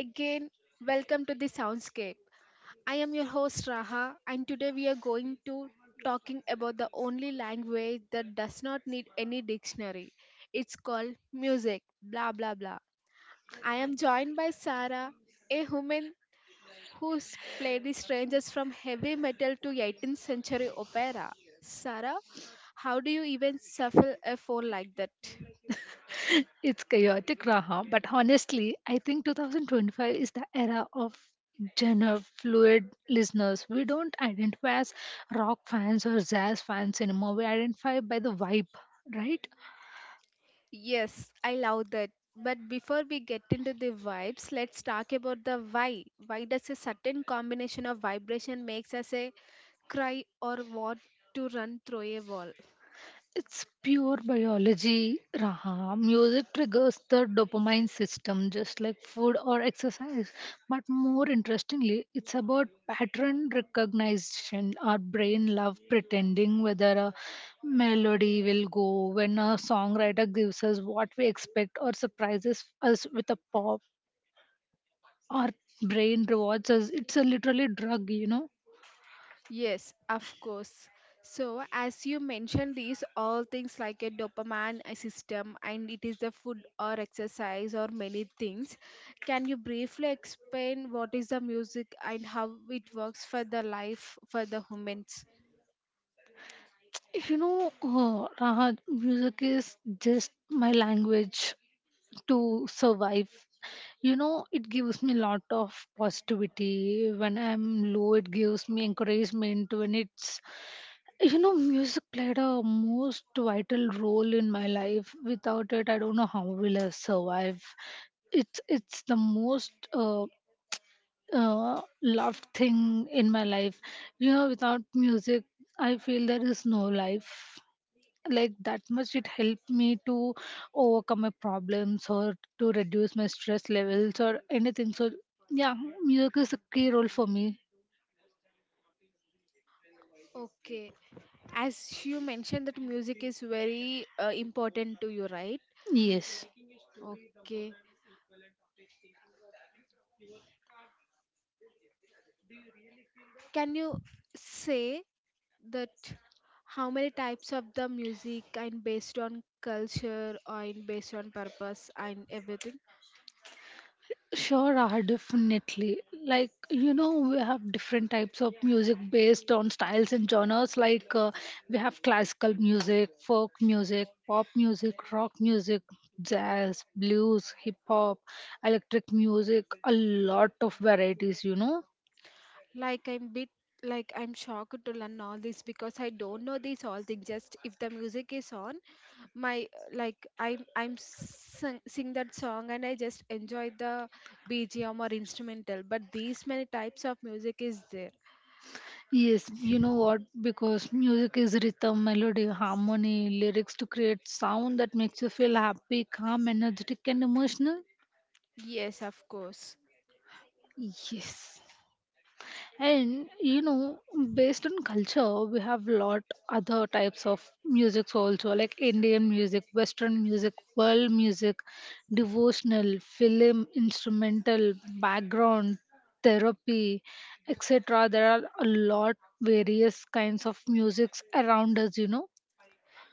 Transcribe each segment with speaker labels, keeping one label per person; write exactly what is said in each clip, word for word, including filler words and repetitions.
Speaker 1: again. Welcome to the Soundscape. I am your host Raha and today we are going to talking about the only language that does not need any dictionary. It's called music, blah blah blah. I am joined by Sarah, a woman who's played the strangers from heavy metal to eighteenth century opera. Sarah, how do you even shuffle a phone like that?
Speaker 2: It's chaotic, Raha, but honestly, I think twenty twenty-five is the era of genre fluid listeners. We don't identify as rock fans or jazz fans anymore. We identify by the vibe, right?
Speaker 1: Yes, I love that. But before we get into the vibes, let's talk about the why. Why does a certain combination of vibration makes us a cry or want to run through a wall?
Speaker 2: It's pure biology, Raha. Music triggers the dopamine system just like food or exercise. But more interestingly, it's about pattern recognition. Our brain love pretending whether a melody will go when a songwriter gives us what we expect or surprises us with a pop. Our brain rewards us. It's a literally drug, you know.
Speaker 1: Yes, of course. So, as you mentioned, these all things like a dopamine uh, system, and it is the food or exercise or many things. Can you briefly explain what is the music and how it works for the life for the humans?
Speaker 2: You know, uh, Raha, music is just my language to survive. You know, it gives me a lot of positivity when I'm low. It gives me encouragement when it's, you know, music played a most vital role in my life. Without it, I don't know how will I survive. It's it's the most uh, uh, loved thing in my life. You know, without music, I feel there is no life. Like that much it helped me to overcome my problems or to reduce my stress levels or anything. So yeah, music is a key role for me.
Speaker 1: Okay, as you mentioned that music is very uh, important to you, right?
Speaker 2: Yes.
Speaker 1: Okay. Can you say that how many types of the music and based on culture or in based on purpose and everything?
Speaker 2: Sure. Are definitely, like, you know, we have different types of music based on styles and genres, like uh, we have classical music, folk music, pop music, rock music, jazz, blues, hip hop, electric music, a lot of varieties, you know.
Speaker 1: Like I'm bit like I'm shocked to learn all this because I don't know these all things. Just if the music is on, my like I'm I'm sing, sing that song and I just enjoy the B G M or instrumental. But these many types of music is there.
Speaker 2: Yes, you know what? Because music is rhythm, melody, harmony, lyrics to create sound that makes you feel happy, calm, energetic, and emotional.
Speaker 1: Yes, of course.
Speaker 2: Yes. And you know, based on culture, we have lot other types of music also, like Indian music, Western music, world music, devotional, film, instrumental, background, therapy, et cetera. There are a lot various kinds of musics around us, you know.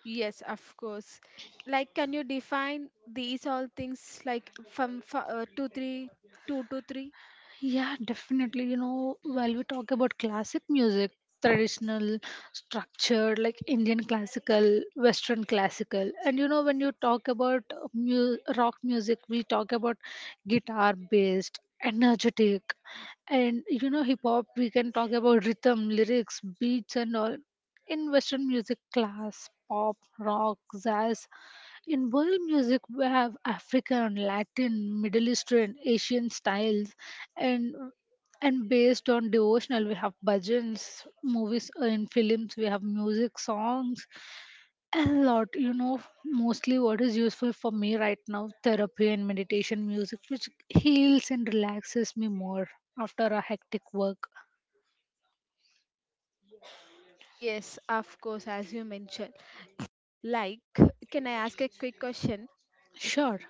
Speaker 1: Yes, of course. Like, can you define these all things like from fi- uh, two, three, two to three?
Speaker 2: Yeah, definitely. You know, while we talk about classic music, traditional, structured, like Indian classical, Western classical, and you know, when you talk about uh, mu- rock music, we talk about guitar based, energetic, and you know, hip hop, we can talk about rhythm, lyrics, beats, and all. In Western music class, pop, rock, jazz. In world music, we have African, Latin, Middle Eastern, Asian styles, and and based on devotional, we have bhajans, movies, uh, in films. We have music, songs, a lot. You know, mostly what is useful for me right now, therapy and meditation music, which heals and relaxes me more after a hectic work.
Speaker 1: Yes, of course, as you mentioned. Like, can I ask a quick question?
Speaker 2: Sure.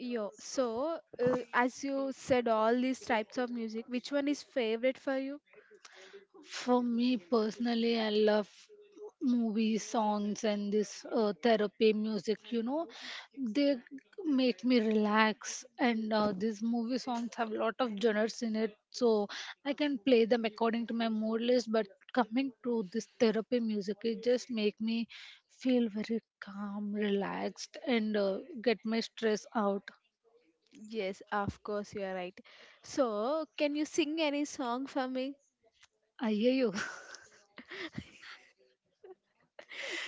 Speaker 1: Yo, so uh, as you said, all these types of music, which one is favorite for you?
Speaker 2: For me personally, I love movies, songs, and this uh, therapy music. You know, they make me relax, and uh, these movie songs have lot of genres in it, so I can play them according to my mood list. But coming to this therapy music, it just make me feel very calm, relaxed, and uh, get my stress out.
Speaker 1: Yes, of course, you are right. So, can you sing any song for me?
Speaker 2: I hear you.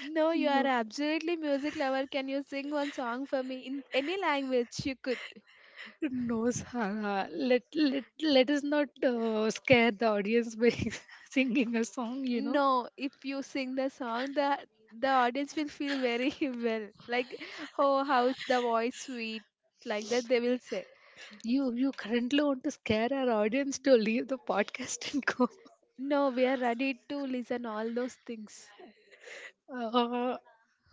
Speaker 1: No, you
Speaker 2: you
Speaker 1: are
Speaker 2: know.
Speaker 1: absolutely music lover. Can you sing one song for me in any language you could?
Speaker 2: No, Sara. Let let let us not uh, scare the audience by singing a song. You know,
Speaker 1: No, if you sing the song, the the audience will feel very well. Like, oh, how's the voice sweet? Like that they will say.
Speaker 2: you you currently want to scare our audience to leave the podcast and go.
Speaker 1: No, we are ready to listen all those things.
Speaker 2: Uh,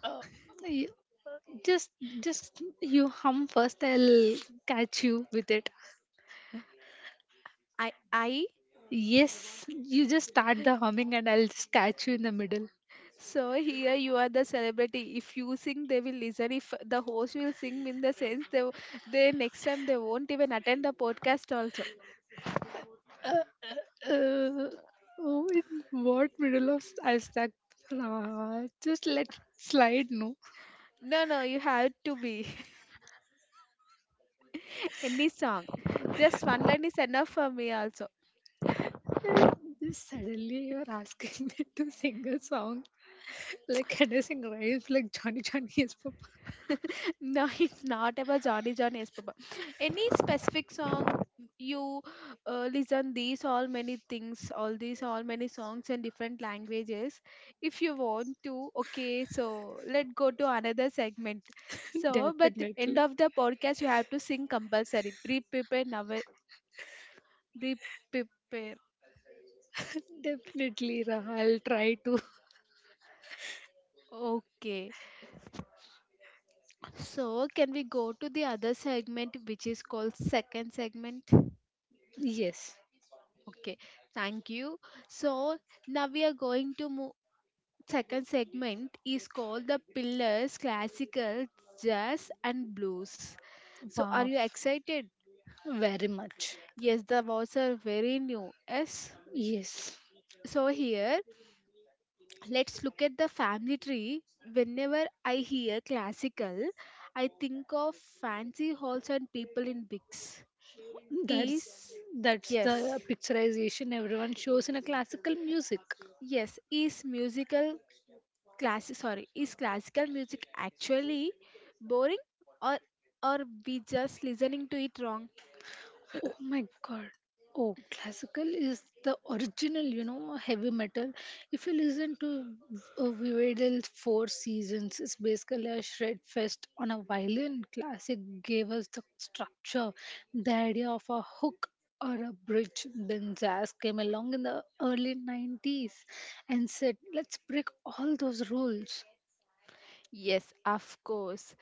Speaker 2: uh, y- just just you hum first. I'll catch you with it.
Speaker 1: I I
Speaker 2: Yes, you just start the humming and I'll just catch you in the middle.
Speaker 1: So here you are the celebrity. If you sing, they will listen. If the host will sing, in the sense they they next time they won't even attend the podcast also.
Speaker 2: Uh, uh, uh, oh, in what middle of I stuck? Uh, just let it slide, no.
Speaker 1: No, no, you have to be. Any song. Just one line is enough for me also.
Speaker 2: And, just suddenly you're asking me to sing a song, like can I sing rice like Johnny Johnny is Papa?
Speaker 1: No, it's not about Johnny Johnny Yes Papa. Any specific song you uh, listen these all many things, all these all many songs in different languages. If you want to, okay, so let go to another segment. So, but end
Speaker 2: Definitely,
Speaker 1: of the podcast you have to sing compulsory. Pre-prepare now. Pre-prepare.
Speaker 2: definitely, Raha. I'll try to.
Speaker 1: Okay. So, can we go to the other segment which is called second segment?
Speaker 2: Yes.
Speaker 1: Okay, thank you. So now we are going to move. Second segment is called the Pillars Classical Jazz and Blues. So are
Speaker 2: Wow,
Speaker 1: you excited?
Speaker 2: very much.
Speaker 1: Yes, the words are very new. Yes.
Speaker 2: Yes.
Speaker 1: So here, let's look at the family tree. Whenever I hear classical, I think of fancy halls and people in wigs.
Speaker 2: That's
Speaker 1: Is
Speaker 2: that's
Speaker 1: yes,
Speaker 2: the picturization everyone shows in a classical music.
Speaker 1: yes, is musical classic sorry is classical music actually boring or or we just listening to it wrong?
Speaker 2: Oh my god. Oh, classical is the original, you know, heavy metal. If you listen to uh, Vivaldi's Four Seasons, it's basically a shred fest on a violin. Classic gave us the structure, the idea of a hook or a bridge. Then jazz came along in the early nineties and said, let's break all those rules.
Speaker 1: Yes, of course.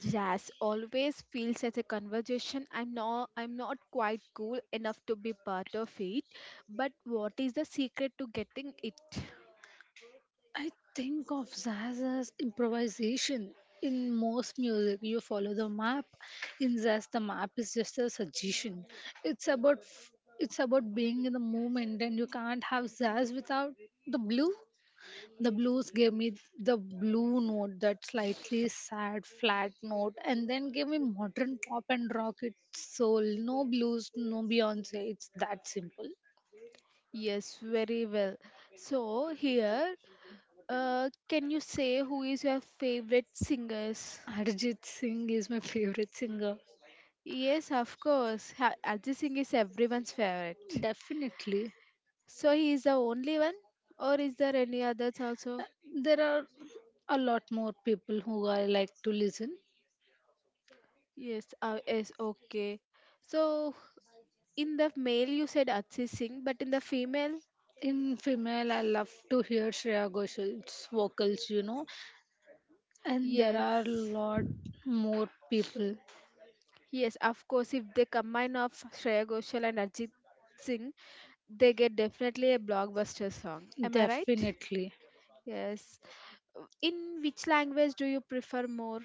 Speaker 1: Jazz always feels as a conversation. I'm not i'm not quite cool enough to be part of it, but what is the secret to getting it?
Speaker 2: I think of jazz as improvisation. In most music, you follow the map. In jazz, the map is just a suggestion. It's about f- it's about being in the moment, and you can't have jazz without the blue. The blues gave me the blue note, that slightly sad, flat note, and then gave me modern pop and rock. It's soul. No blues, no Beyonce. It's that simple.
Speaker 1: Yes, very well. So here, uh, can you say who is your favorite singers?
Speaker 2: Arijit Singh is my favorite singer.
Speaker 1: Yes, of course. Ha- arjit Singh is everyone's favorite.
Speaker 2: Definitely.
Speaker 1: So he is the only one, or is there any others also?
Speaker 2: There are a lot more people who I like to listen.
Speaker 1: Yes, uh, yes, okay. So in the male you said Ajit Singh, but in the female,
Speaker 2: In female, I love to hear Shreya Ghoṣal's vocals, you know, and there are a
Speaker 1: yes,
Speaker 2: lot more people.
Speaker 1: yes, of course. If they combine of Shreya Ghoshal and Ajit Singh, they get definitely a blockbuster song. Am I right?
Speaker 2: Definitely.
Speaker 1: Yes. Uh, in which language do you prefer more?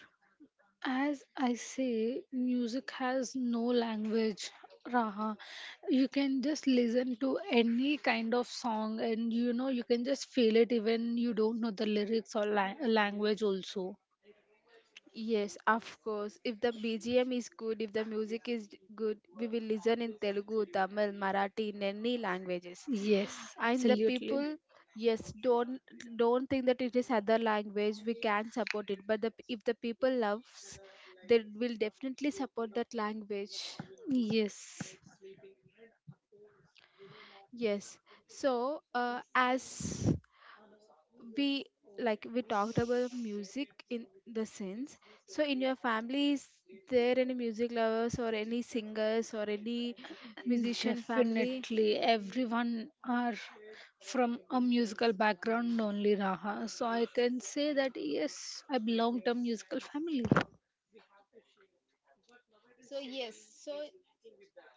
Speaker 2: As I say, music has no language, Raha. You can just listen to any kind of song and you know you can just feel it even you don't know the lyrics or la- language also.
Speaker 1: Yes, of course. If the B G M is good, if the music is d- good, we will listen in Telugu, Tamil, Marathi, in any languages.
Speaker 2: Yes,
Speaker 1: And the
Speaker 2: absolutely.
Speaker 1: people, yes, don't don't think that it is other language. We can support it, but the, p- if the people loves, they will definitely support that language.
Speaker 2: Yes.
Speaker 1: Yes. So, uh, as we like we talked about music in the sense so in your family is there any music lovers or any singers or any musician family?
Speaker 2: Definitely, everyone are from a musical background, only Raha. So I can say that yes, I belong to a musical family.
Speaker 1: So yes, so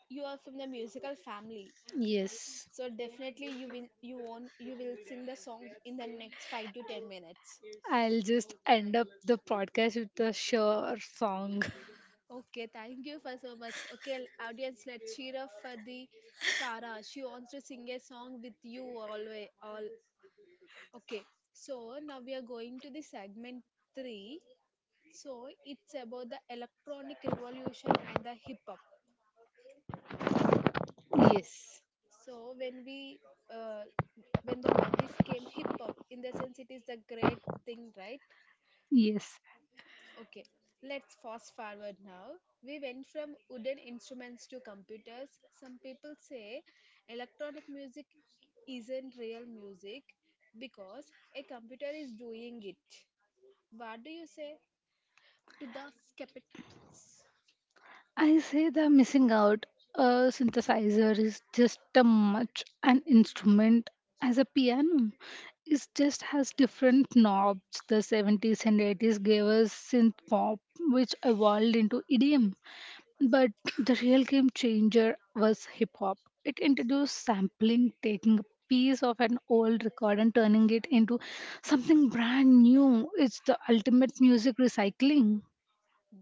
Speaker 1: you are from the musical family.
Speaker 2: Yes.
Speaker 1: So definitely you will you won't you will sing the song in the next five to ten minutes.
Speaker 2: I'll just end up the podcast with a sure song.
Speaker 1: Okay, thank you for so much. Okay, audience, let's cheer up for the Sarah. She wants to sing a song with you always. All okay, so now we are going to the segment three. So it's about the electronic revolution and the hip hop.
Speaker 2: Yes.
Speaker 1: So when we uh, when the word is came hip hop, in the sense it is the great thing, right?
Speaker 2: Yes.
Speaker 1: Okay, let's fast forward now. We went from wooden instruments to computers. Some people say electronic music isn't real music because a computer is doing it. What do you say to the skeptics?
Speaker 2: I say the missing out. A synthesizer is just as much an instrument as a piano. It just has different knobs. The seventies and eighties gave us synth pop, which evolved into E D M. But the real game changer was hip hop. It introduced sampling, taking a piece of an old record and turning it into something brand new. It's the ultimate music recycling.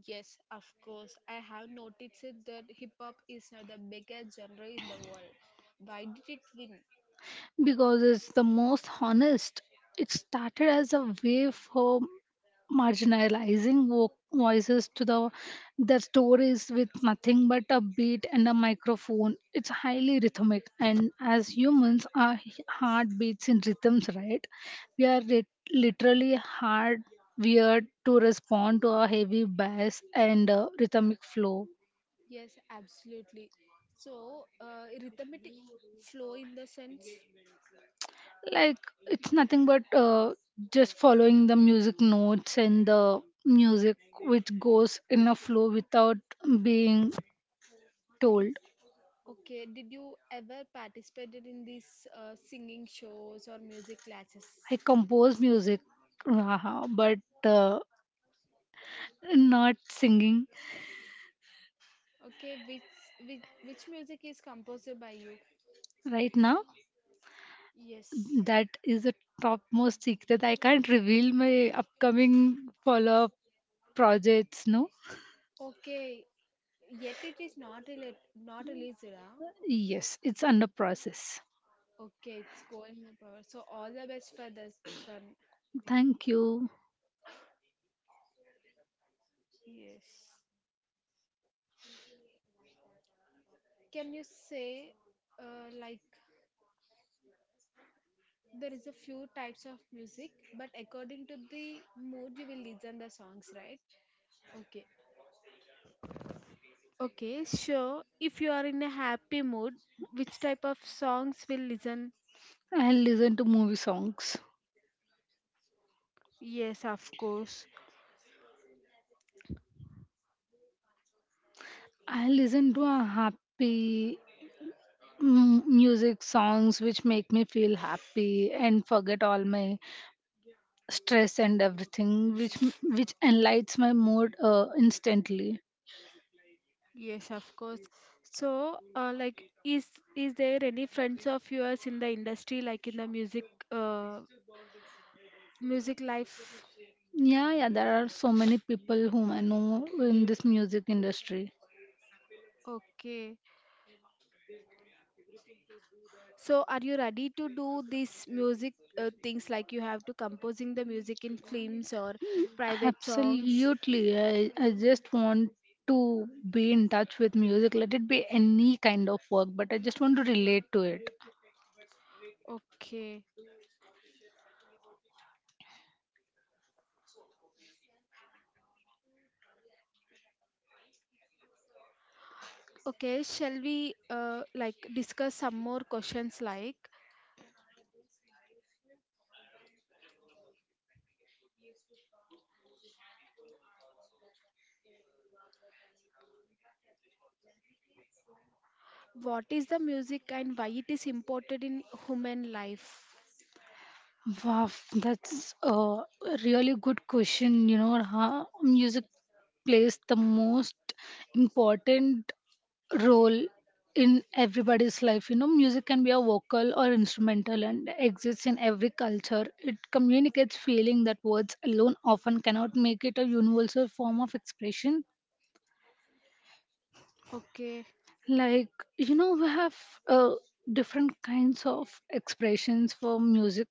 Speaker 1: Yes, of course. I have noticed it that hip hop is now the biggest genre in the world. Why did it win?
Speaker 2: Because it's the most honest. It started as a way for marginalizing vo- voices to the their stories with nothing but a beat and a microphone. It's highly rhythmic, and as humans our h- heart beats in rhythms, right? we are lit- literally hard weird to respond to a heavy bass and uh, rhythmic flow.
Speaker 1: Yes, absolutely. So, uh, rhythmic flow in the sense.
Speaker 2: Like it's nothing but uh, just following the music notes and the music which goes in a flow without being told.
Speaker 1: Okay, did you ever participated in these uh, singing shows or music classes?
Speaker 2: I compose music, haha, but uh, not singing
Speaker 1: Okay, which which which music is composed by you?
Speaker 2: right now.
Speaker 1: Yes.
Speaker 2: That is a topmost secret. I can't reveal my upcoming follow up projects, no?
Speaker 1: Okay, yet it is not rela- not released, huh?
Speaker 2: Yes, it's under process.
Speaker 1: Okay, it's going up. uh, So all the best for this one.
Speaker 2: Thank you.
Speaker 1: Yes. Can you say uh, like there is a few types of music but according to the mood you will listen the songs right? Okay, okay, so if you are in a happy mood, which type of songs will listen?
Speaker 2: I'll listen to movie songs.
Speaker 1: Yes, of course.
Speaker 2: I listen to a happy mm, music songs which make me feel happy and forget all my stress and everything, which m- which enlightens my mood uh, instantly.
Speaker 1: Yes, of course. So uh, like is is there any friends of yours in the industry like in the music uh music life?
Speaker 2: Yeah, yeah, there are so many people whom I know in this music industry.
Speaker 1: Okay. So, are you ready to do these music uh, things like you have to composing the music in films or
Speaker 2: Mm.
Speaker 1: private songs?
Speaker 2: Absolutely. I, I just want to be in touch with music. Let it be any kind of work, but I just want to relate to it.
Speaker 1: Okay. Okay, shall we uh, like discuss some more questions like what is the music and why it is important in human life?
Speaker 2: Wow, that's a really good question. You know, how music plays the most important role in everybody's life. You know, music can be a vocal or instrumental and exists in every culture. It communicates feeling that words alone often cannot make it a universal form of expression.
Speaker 1: Okay.
Speaker 2: Like, you know, we have uh, different kinds of expressions for music,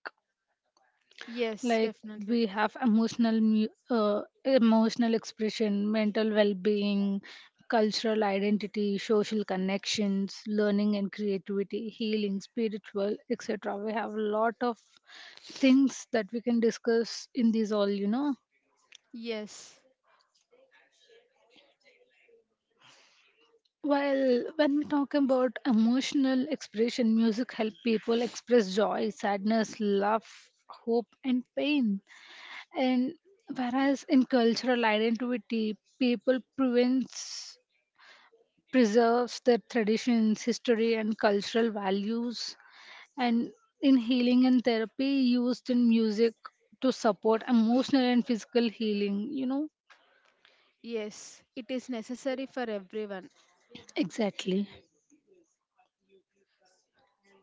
Speaker 1: Yes,
Speaker 2: like
Speaker 1: definitely.
Speaker 2: we have emotional mu- uh, emotional expression, mental well-being, cultural identity, social connections, learning and creativity, healing, spiritual, etc. We have a lot of things that we can discuss in these all, you know.
Speaker 1: Yes.
Speaker 2: Well, when we talk about emotional expression, music help people express joy, sadness, love, hope and pain. And whereas in cultural identity, people prevents, preserves their traditions, history, and cultural values. And in healing and therapy, used in music to support emotional and physical healing. You know.
Speaker 1: Yes, it is necessary for everyone.
Speaker 2: Exactly.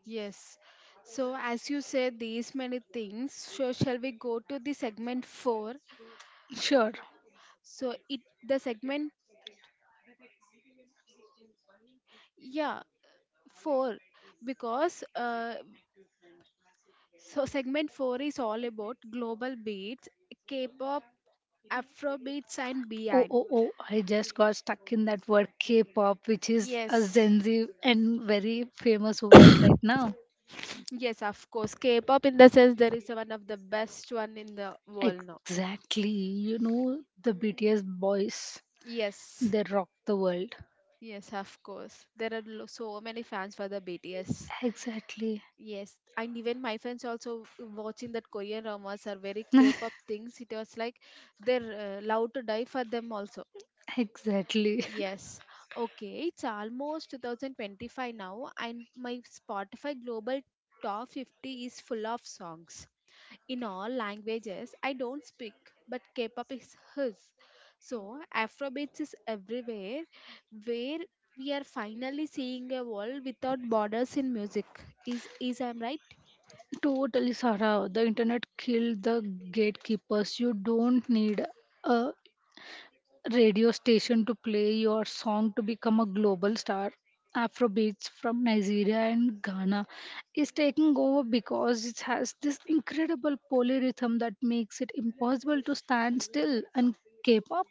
Speaker 1: Yes. So, as you said, these many things. So, shall we go to the segment four?
Speaker 2: Sure.
Speaker 1: So, it the segment, yeah, four, because uh, so segment four is all about global beats, K-pop, Afro beats, and
Speaker 2: Oh,
Speaker 1: beyond.
Speaker 2: oh, oh, I just got stuck in that word K pop, which is a
Speaker 1: Yes,
Speaker 2: Gen Z and very famous word right now.
Speaker 1: yes, of course. K-pop in the sense there is one of the best one in the world now.
Speaker 2: Exactly. You know, the B T S boys,
Speaker 1: Yes,
Speaker 2: they rock the world.
Speaker 1: yes, of course. There are lo- so many fans for the B T S.
Speaker 2: Exactly.
Speaker 1: Yes, and even my friends also uh, watching that Korean dramas are very K-pop things. It was like they're uh, allowed to die for them also.
Speaker 2: Exactly.
Speaker 1: Yes. Okay, it's almost twenty twenty-five now, and my Spotify Global Top fifty is full of songs in all languages I don't speak, but K-pop is his. So Afrobeats is everywhere, where we are finally seeing a world without borders in music. Is is I'm right?
Speaker 2: Totally, Sarah. The internet killed the gatekeepers. You don't need a radio station to play your song to become a global star. Afrobeats from Nigeria and Ghana is taking over because it has this incredible polyrhythm that makes it impossible to stand still. And K pop,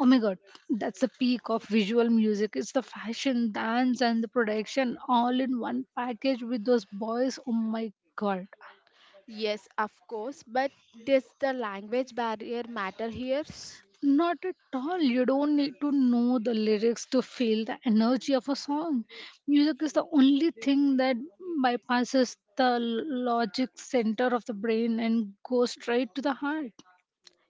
Speaker 2: oh my god, that's the peak of visual music. It's the fashion, dance, and the production all in one package with those boys. Oh my god.
Speaker 1: Yes, of course, but does the language barrier matter here?
Speaker 2: Not at all. You don't need to know the lyrics to feel the energy of a song. Music is the only thing that bypasses the logic center of the brain and goes straight to the heart.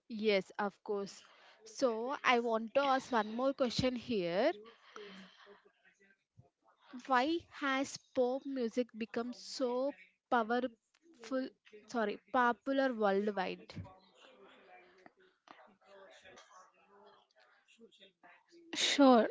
Speaker 1: Yes, of course. So, I want to ask one more question here. Why has pop music become so powerful, sorry, popular worldwide?
Speaker 2: Sure.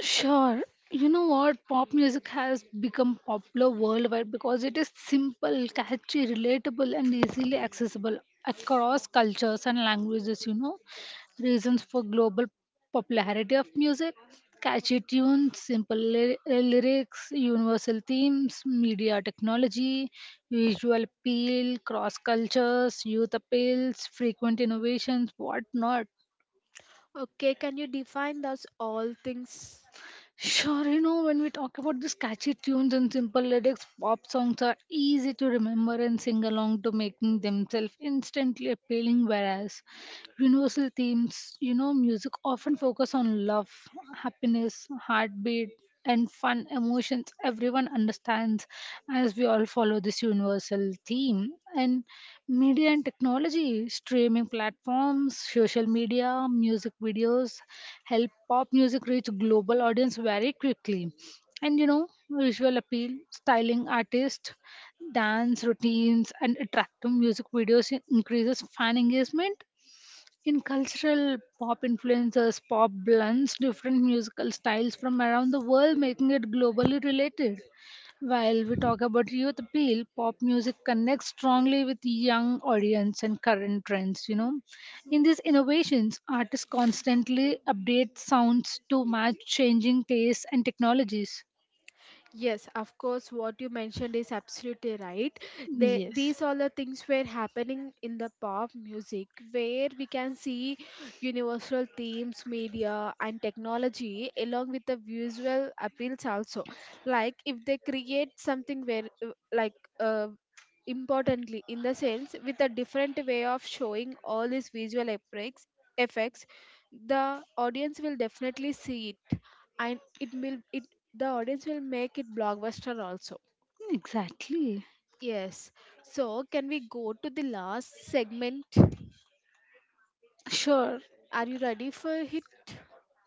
Speaker 2: Sure. You know what? Pop music has become popular worldwide because it is simple, catchy, relatable, and easily accessible across cultures and languages. You know, reasons for global popularity of music: catchy tunes, simple ly- uh, lyrics, universal themes, media technology, visual appeal, cross cultures, youth appeals, frequent innovations, whatnot.
Speaker 1: Okay, can you define those all things?
Speaker 2: Sure, you know, when we talk about these catchy tunes and simple lyrics, pop songs are easy to remember and sing along to making themselves instantly appealing. Whereas universal themes, you know, music often focus on love, happiness, heartbeat, and fun emotions. Everyone understands as we all follow this universal theme. And media and technology, streaming platforms, social media, music videos help pop music reach global audience very quickly. And you know, visual appeal, styling artists, dance routines, and attractive music videos increases fan engagement in cultural pop influences, pop blends different musical styles from around the world, making it globally related. While we talk about youth appeal, pop music connects strongly with young audience and current trends, you know. In these innovations, artists constantly update sounds to match changing tastes and technologies.
Speaker 1: Yes, of course, what you mentioned is absolutely right. They,
Speaker 2: Yes.
Speaker 1: these all the things were happening in the pop music where we can see universal themes, media, and technology along with the visual appeals also. Like if they create something where, uh, like, uh, importantly, in the sense with a different way of showing all these visual effects, effects, the audience will definitely see it and it will it the audience will make it blockbuster also.
Speaker 2: Exactly.
Speaker 1: Yes. So can we go to the last segment?
Speaker 2: Sure,
Speaker 1: Are you ready for it?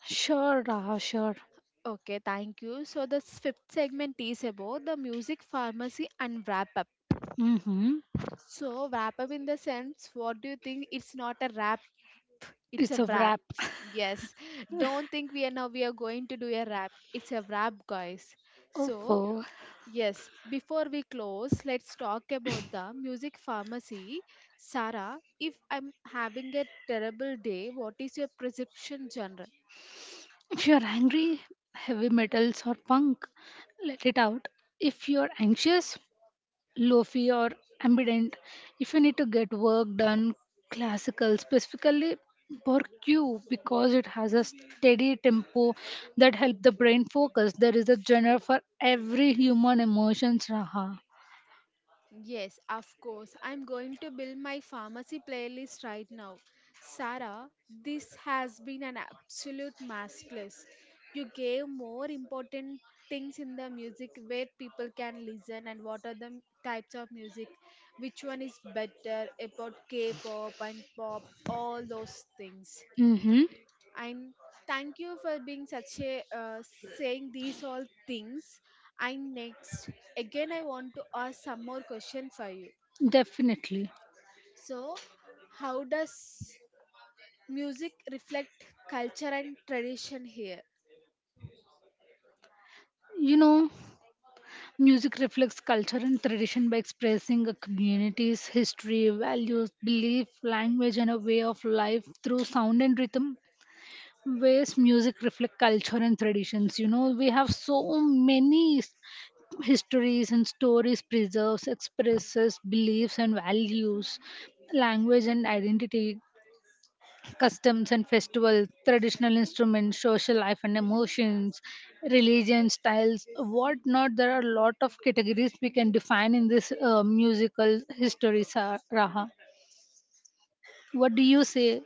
Speaker 2: sure, Raha, sure.
Speaker 1: Okay, thank you. So the s- fifth segment is about the music pharmacy and wrap up.
Speaker 2: Mm-hmm.
Speaker 1: So wrap up in the sense, what do you think? It's not a wrap, it's a
Speaker 2: It's a
Speaker 1: wrap.
Speaker 2: wrap.
Speaker 1: Yes. Don't think we are now we are going to do a wrap. It's a wrap, guys. So
Speaker 2: Oh,
Speaker 1: yes, before we close, let's talk about the music pharmacy. Sarah, if I'm having a terrible day, what is your prescription genre?
Speaker 2: if you're angry, heavy metals or punk, let it out. If you're anxious, lofi or ambient. If you need to get work done, classical specifically Q because it has a steady tempo that help the brain focus. There is a genre for every human emotions, Raha.
Speaker 1: Yes, of course. I'm going to build my pharmacy playlist right now. Sarah, this has been an absolute masterclass. You gave more important things in the music where people can listen and what are the m- types of music, which one is better about K pop and pop, all those things.
Speaker 2: Mm-hmm.
Speaker 1: And thank you for being such a uh, saying these all things. And next again, I want to ask some more question for you.
Speaker 2: Definitely,
Speaker 1: So, how does music reflect culture and tradition here?
Speaker 2: you know music reflects culture and tradition by expressing a community's history, values, belief, language and a way of life through sound and rhythm. Ways music reflect culture and traditions, you know, we have so many s- histories and stories preserves, expresses beliefs and values, language and identity, customs and festivals, traditional instruments, social life and emotions, religion styles, what not. There are a lot of categories we can define in this uh, musical history, Sa- raha. What do you say?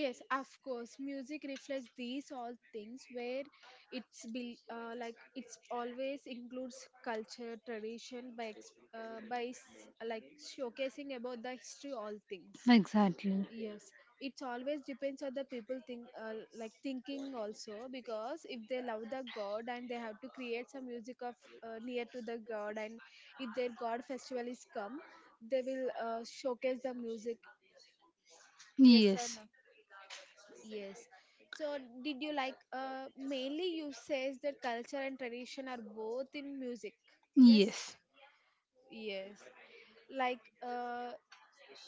Speaker 1: Yes, of course, music reflects these all things where it's be uh, like it's always includes culture tradition by ex- uh, by s- like showcasing about the history, all things.
Speaker 2: Exactly.
Speaker 1: Yes, it's always depends on the people think, uh, like thinking also, because if they love the god and they have to create some music of uh, near to the god. And if their god festival is come, they will uh, showcase the music. Yes or
Speaker 2: Yes,
Speaker 1: no? Yes. So, did you like, uh, mainly you says that culture and tradition are both in music. Yes.
Speaker 2: yes,
Speaker 1: Yes. Like uh,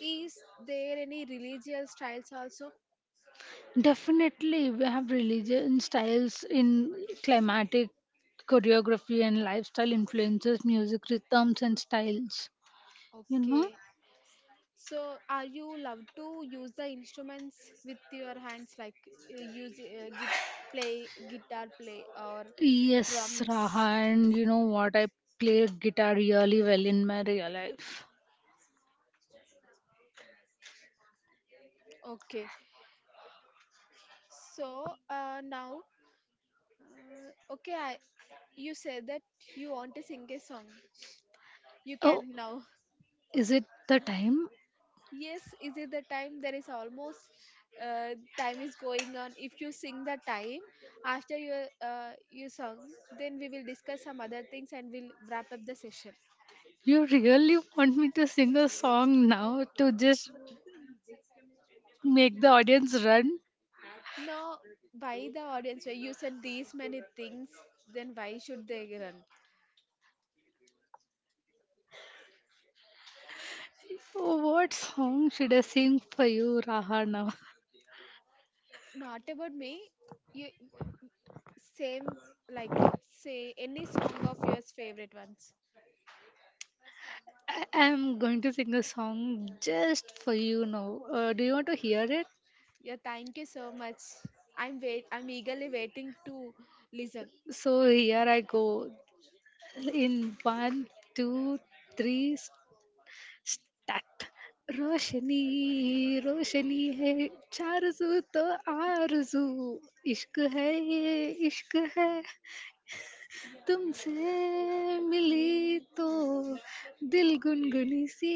Speaker 1: is there any religious styles also?
Speaker 2: definitely. We have religion styles in climatic choreography and lifestyle influences, music rhythms, and styles. You know.
Speaker 1: Okay. So, are you love to use the instruments with your hands, like, uh, use uh, git play guitar play or
Speaker 2: Yes,
Speaker 1: drums?
Speaker 2: Raha, and you know what? I play guitar really well in my real life.
Speaker 1: Okay. So uh, now, uh, okay, I, you said that you want to sing a song. You
Speaker 2: Oh,
Speaker 1: can now.
Speaker 2: is it the time?
Speaker 1: Yes, is it the time? There is almost uh, time is going on. If you sing the time after your uh, your song, then we will discuss some other things and we'll wrap up the session.
Speaker 2: You really want me to sing a song now to just make the audience run?
Speaker 1: Now, why the audience? Why you said these many things, then why should they run?
Speaker 2: What song should I sing for you, Raha, now?
Speaker 1: Not about me. You same like say any song of yours favorite ones.
Speaker 2: I am going to sing a song just for you now. Uh, do you want to hear it?
Speaker 1: Yeah, thank you so much. I'm wait. I'm eagerly waiting to listen.
Speaker 2: So here I go. In one, two, three, start रोशनी रोशनी है चारज़ू तो आरज़ू इश्क है ये इश्क है तुमसे मिली तो दिल गुनगुनी सी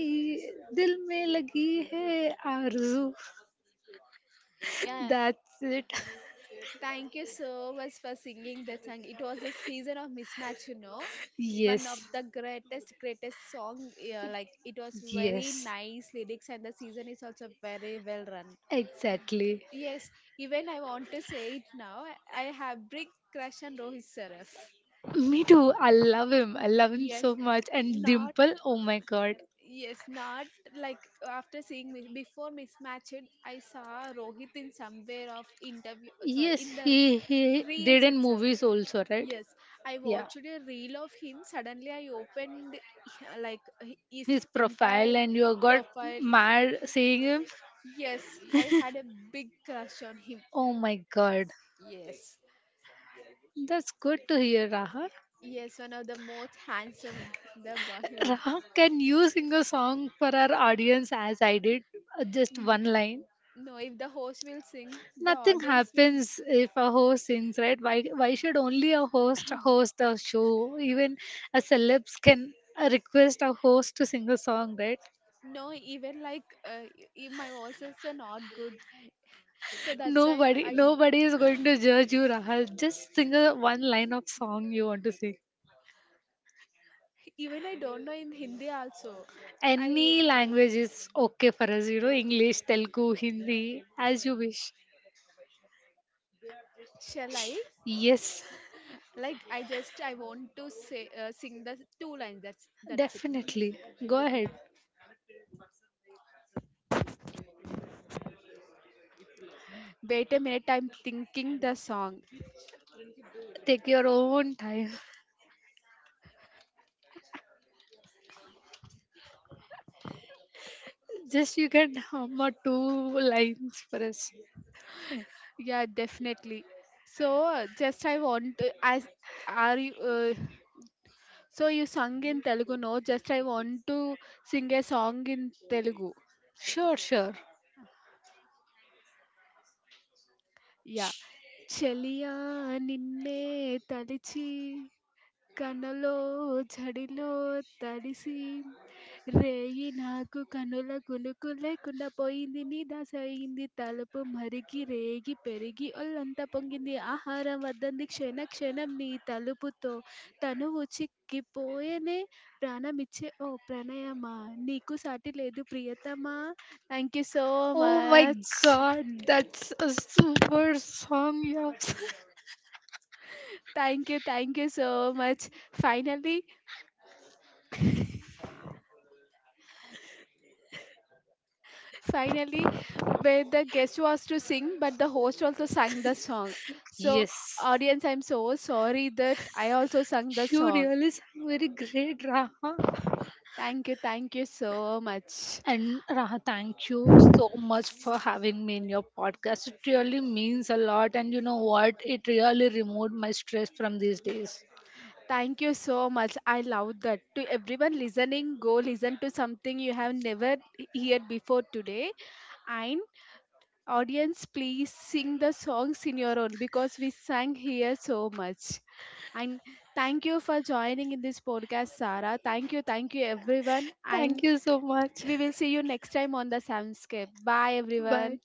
Speaker 2: दिल में लगी है आरज़ू
Speaker 1: Yeah,
Speaker 2: that's it
Speaker 1: thank you so much for singing that song. It was a season of mismatch, you know.
Speaker 2: Yes
Speaker 1: One of the greatest, greatest song. Yeah, like it was
Speaker 2: yes.
Speaker 1: very nice lyrics, and the season is also very well run.
Speaker 2: Exactly.
Speaker 1: Yes, even I want to say it now. I have big crush on Rohit Saraf.
Speaker 2: Me too. I love him. I love him so
Speaker 1: Yes,
Speaker 2: much. And
Speaker 1: not
Speaker 2: Dimple, oh my god.
Speaker 1: yes, not like after seeing Mi- before mismatched, I saw Rohit in somewhere of interview. Sorry,
Speaker 2: Yes,
Speaker 1: in the
Speaker 2: he he did
Speaker 1: reels
Speaker 2: in
Speaker 1: itself.
Speaker 2: movies also, right?
Speaker 1: Yes, I
Speaker 2: Yeah,
Speaker 1: watched a reel of him. Suddenly, I opened like his
Speaker 2: his profile
Speaker 1: entire
Speaker 2: and you got
Speaker 1: profile.
Speaker 2: mad seeing him.
Speaker 1: Yes, I had a big crush on him.
Speaker 2: Oh my God,
Speaker 1: Yes.
Speaker 2: that's good to hear, Raha.
Speaker 1: Yes, one of the most handsome in the Bollywood.
Speaker 2: Raha, can you sing a song for our audience as I did? Uh, Just
Speaker 1: N-
Speaker 2: one line.
Speaker 1: No, if the host will sing, the
Speaker 2: Nothing
Speaker 1: audience will
Speaker 2: happens if a host sings, right? Why why should only a host host a show? Even a celebs can uh, request a host to sing a song, right?
Speaker 1: know, even like uh, if my voices are not good. So that's why
Speaker 2: Nobody,
Speaker 1: I
Speaker 2: nobody is going to judge you, Rahul. Just sing a one line of song you want to sing.
Speaker 1: even I don't know in Hindi also. I
Speaker 2: Any language is okay for us, you know, English, Telugu, Hindi, as you wish.
Speaker 1: shall I
Speaker 2: Yes,
Speaker 1: like I just I want to say, uh, sing the two lines. That's that's it.
Speaker 2: definitely. Go
Speaker 1: Yeah.
Speaker 2: ahead.
Speaker 1: Wait a minute, I'm thinking the song.
Speaker 2: Take your own time. Just you can hum or two lines for us.
Speaker 1: Yeah, definitely. So just I want to as are you uh, so, you sung in Telugu, no? Just I want to sing a song in Telugu.
Speaker 2: Sure, sure.
Speaker 1: Yeah. చలియా నిన్నే తలిచి కలలో జడిలో తడిసి రేయి నాకు కనుల కునుకు లేకుండా పోయింది నీదాసయింది తలుపు మరిగి రేగి పెరిగి ఒళ్ళంతా పొంగింది ఆహారం వద్దంది క్షణ క్షణం నీ తలుపుతో తనువు చిక్కిపోయేనే ప్రాణమిచ్చే ఓ ప్రణయమా నీకు సాటి లేదు ప్రియతమా thank you so
Speaker 2: Oh my
Speaker 1: much
Speaker 2: god, that's a super song you have.
Speaker 1: Thank you thank you so much finally Finally, where the guest was to sing, but the host also sang the song. So,
Speaker 2: Yes.
Speaker 1: audience, I'm so sorry that I also sang the
Speaker 2: You
Speaker 1: song.
Speaker 2: really sang very great, Raha.
Speaker 1: Thank you, thank you so much.
Speaker 2: And Raha, thank you so much for having me in your podcast. It really means a lot. And you know what? It really removed my stress from these days.
Speaker 1: Thank you so much. I love that. To everyone listening, go listen to something you have never heard before today. And audience, please sing the songs in your own because we sang here so much. And thank you for joining in this podcast, Sarah. Thank you, thank you everyone.
Speaker 2: Thank
Speaker 1: And
Speaker 2: you so much.
Speaker 1: we will see you next time on the Soundscape. Bye,
Speaker 2: Bye.
Speaker 1: everyone.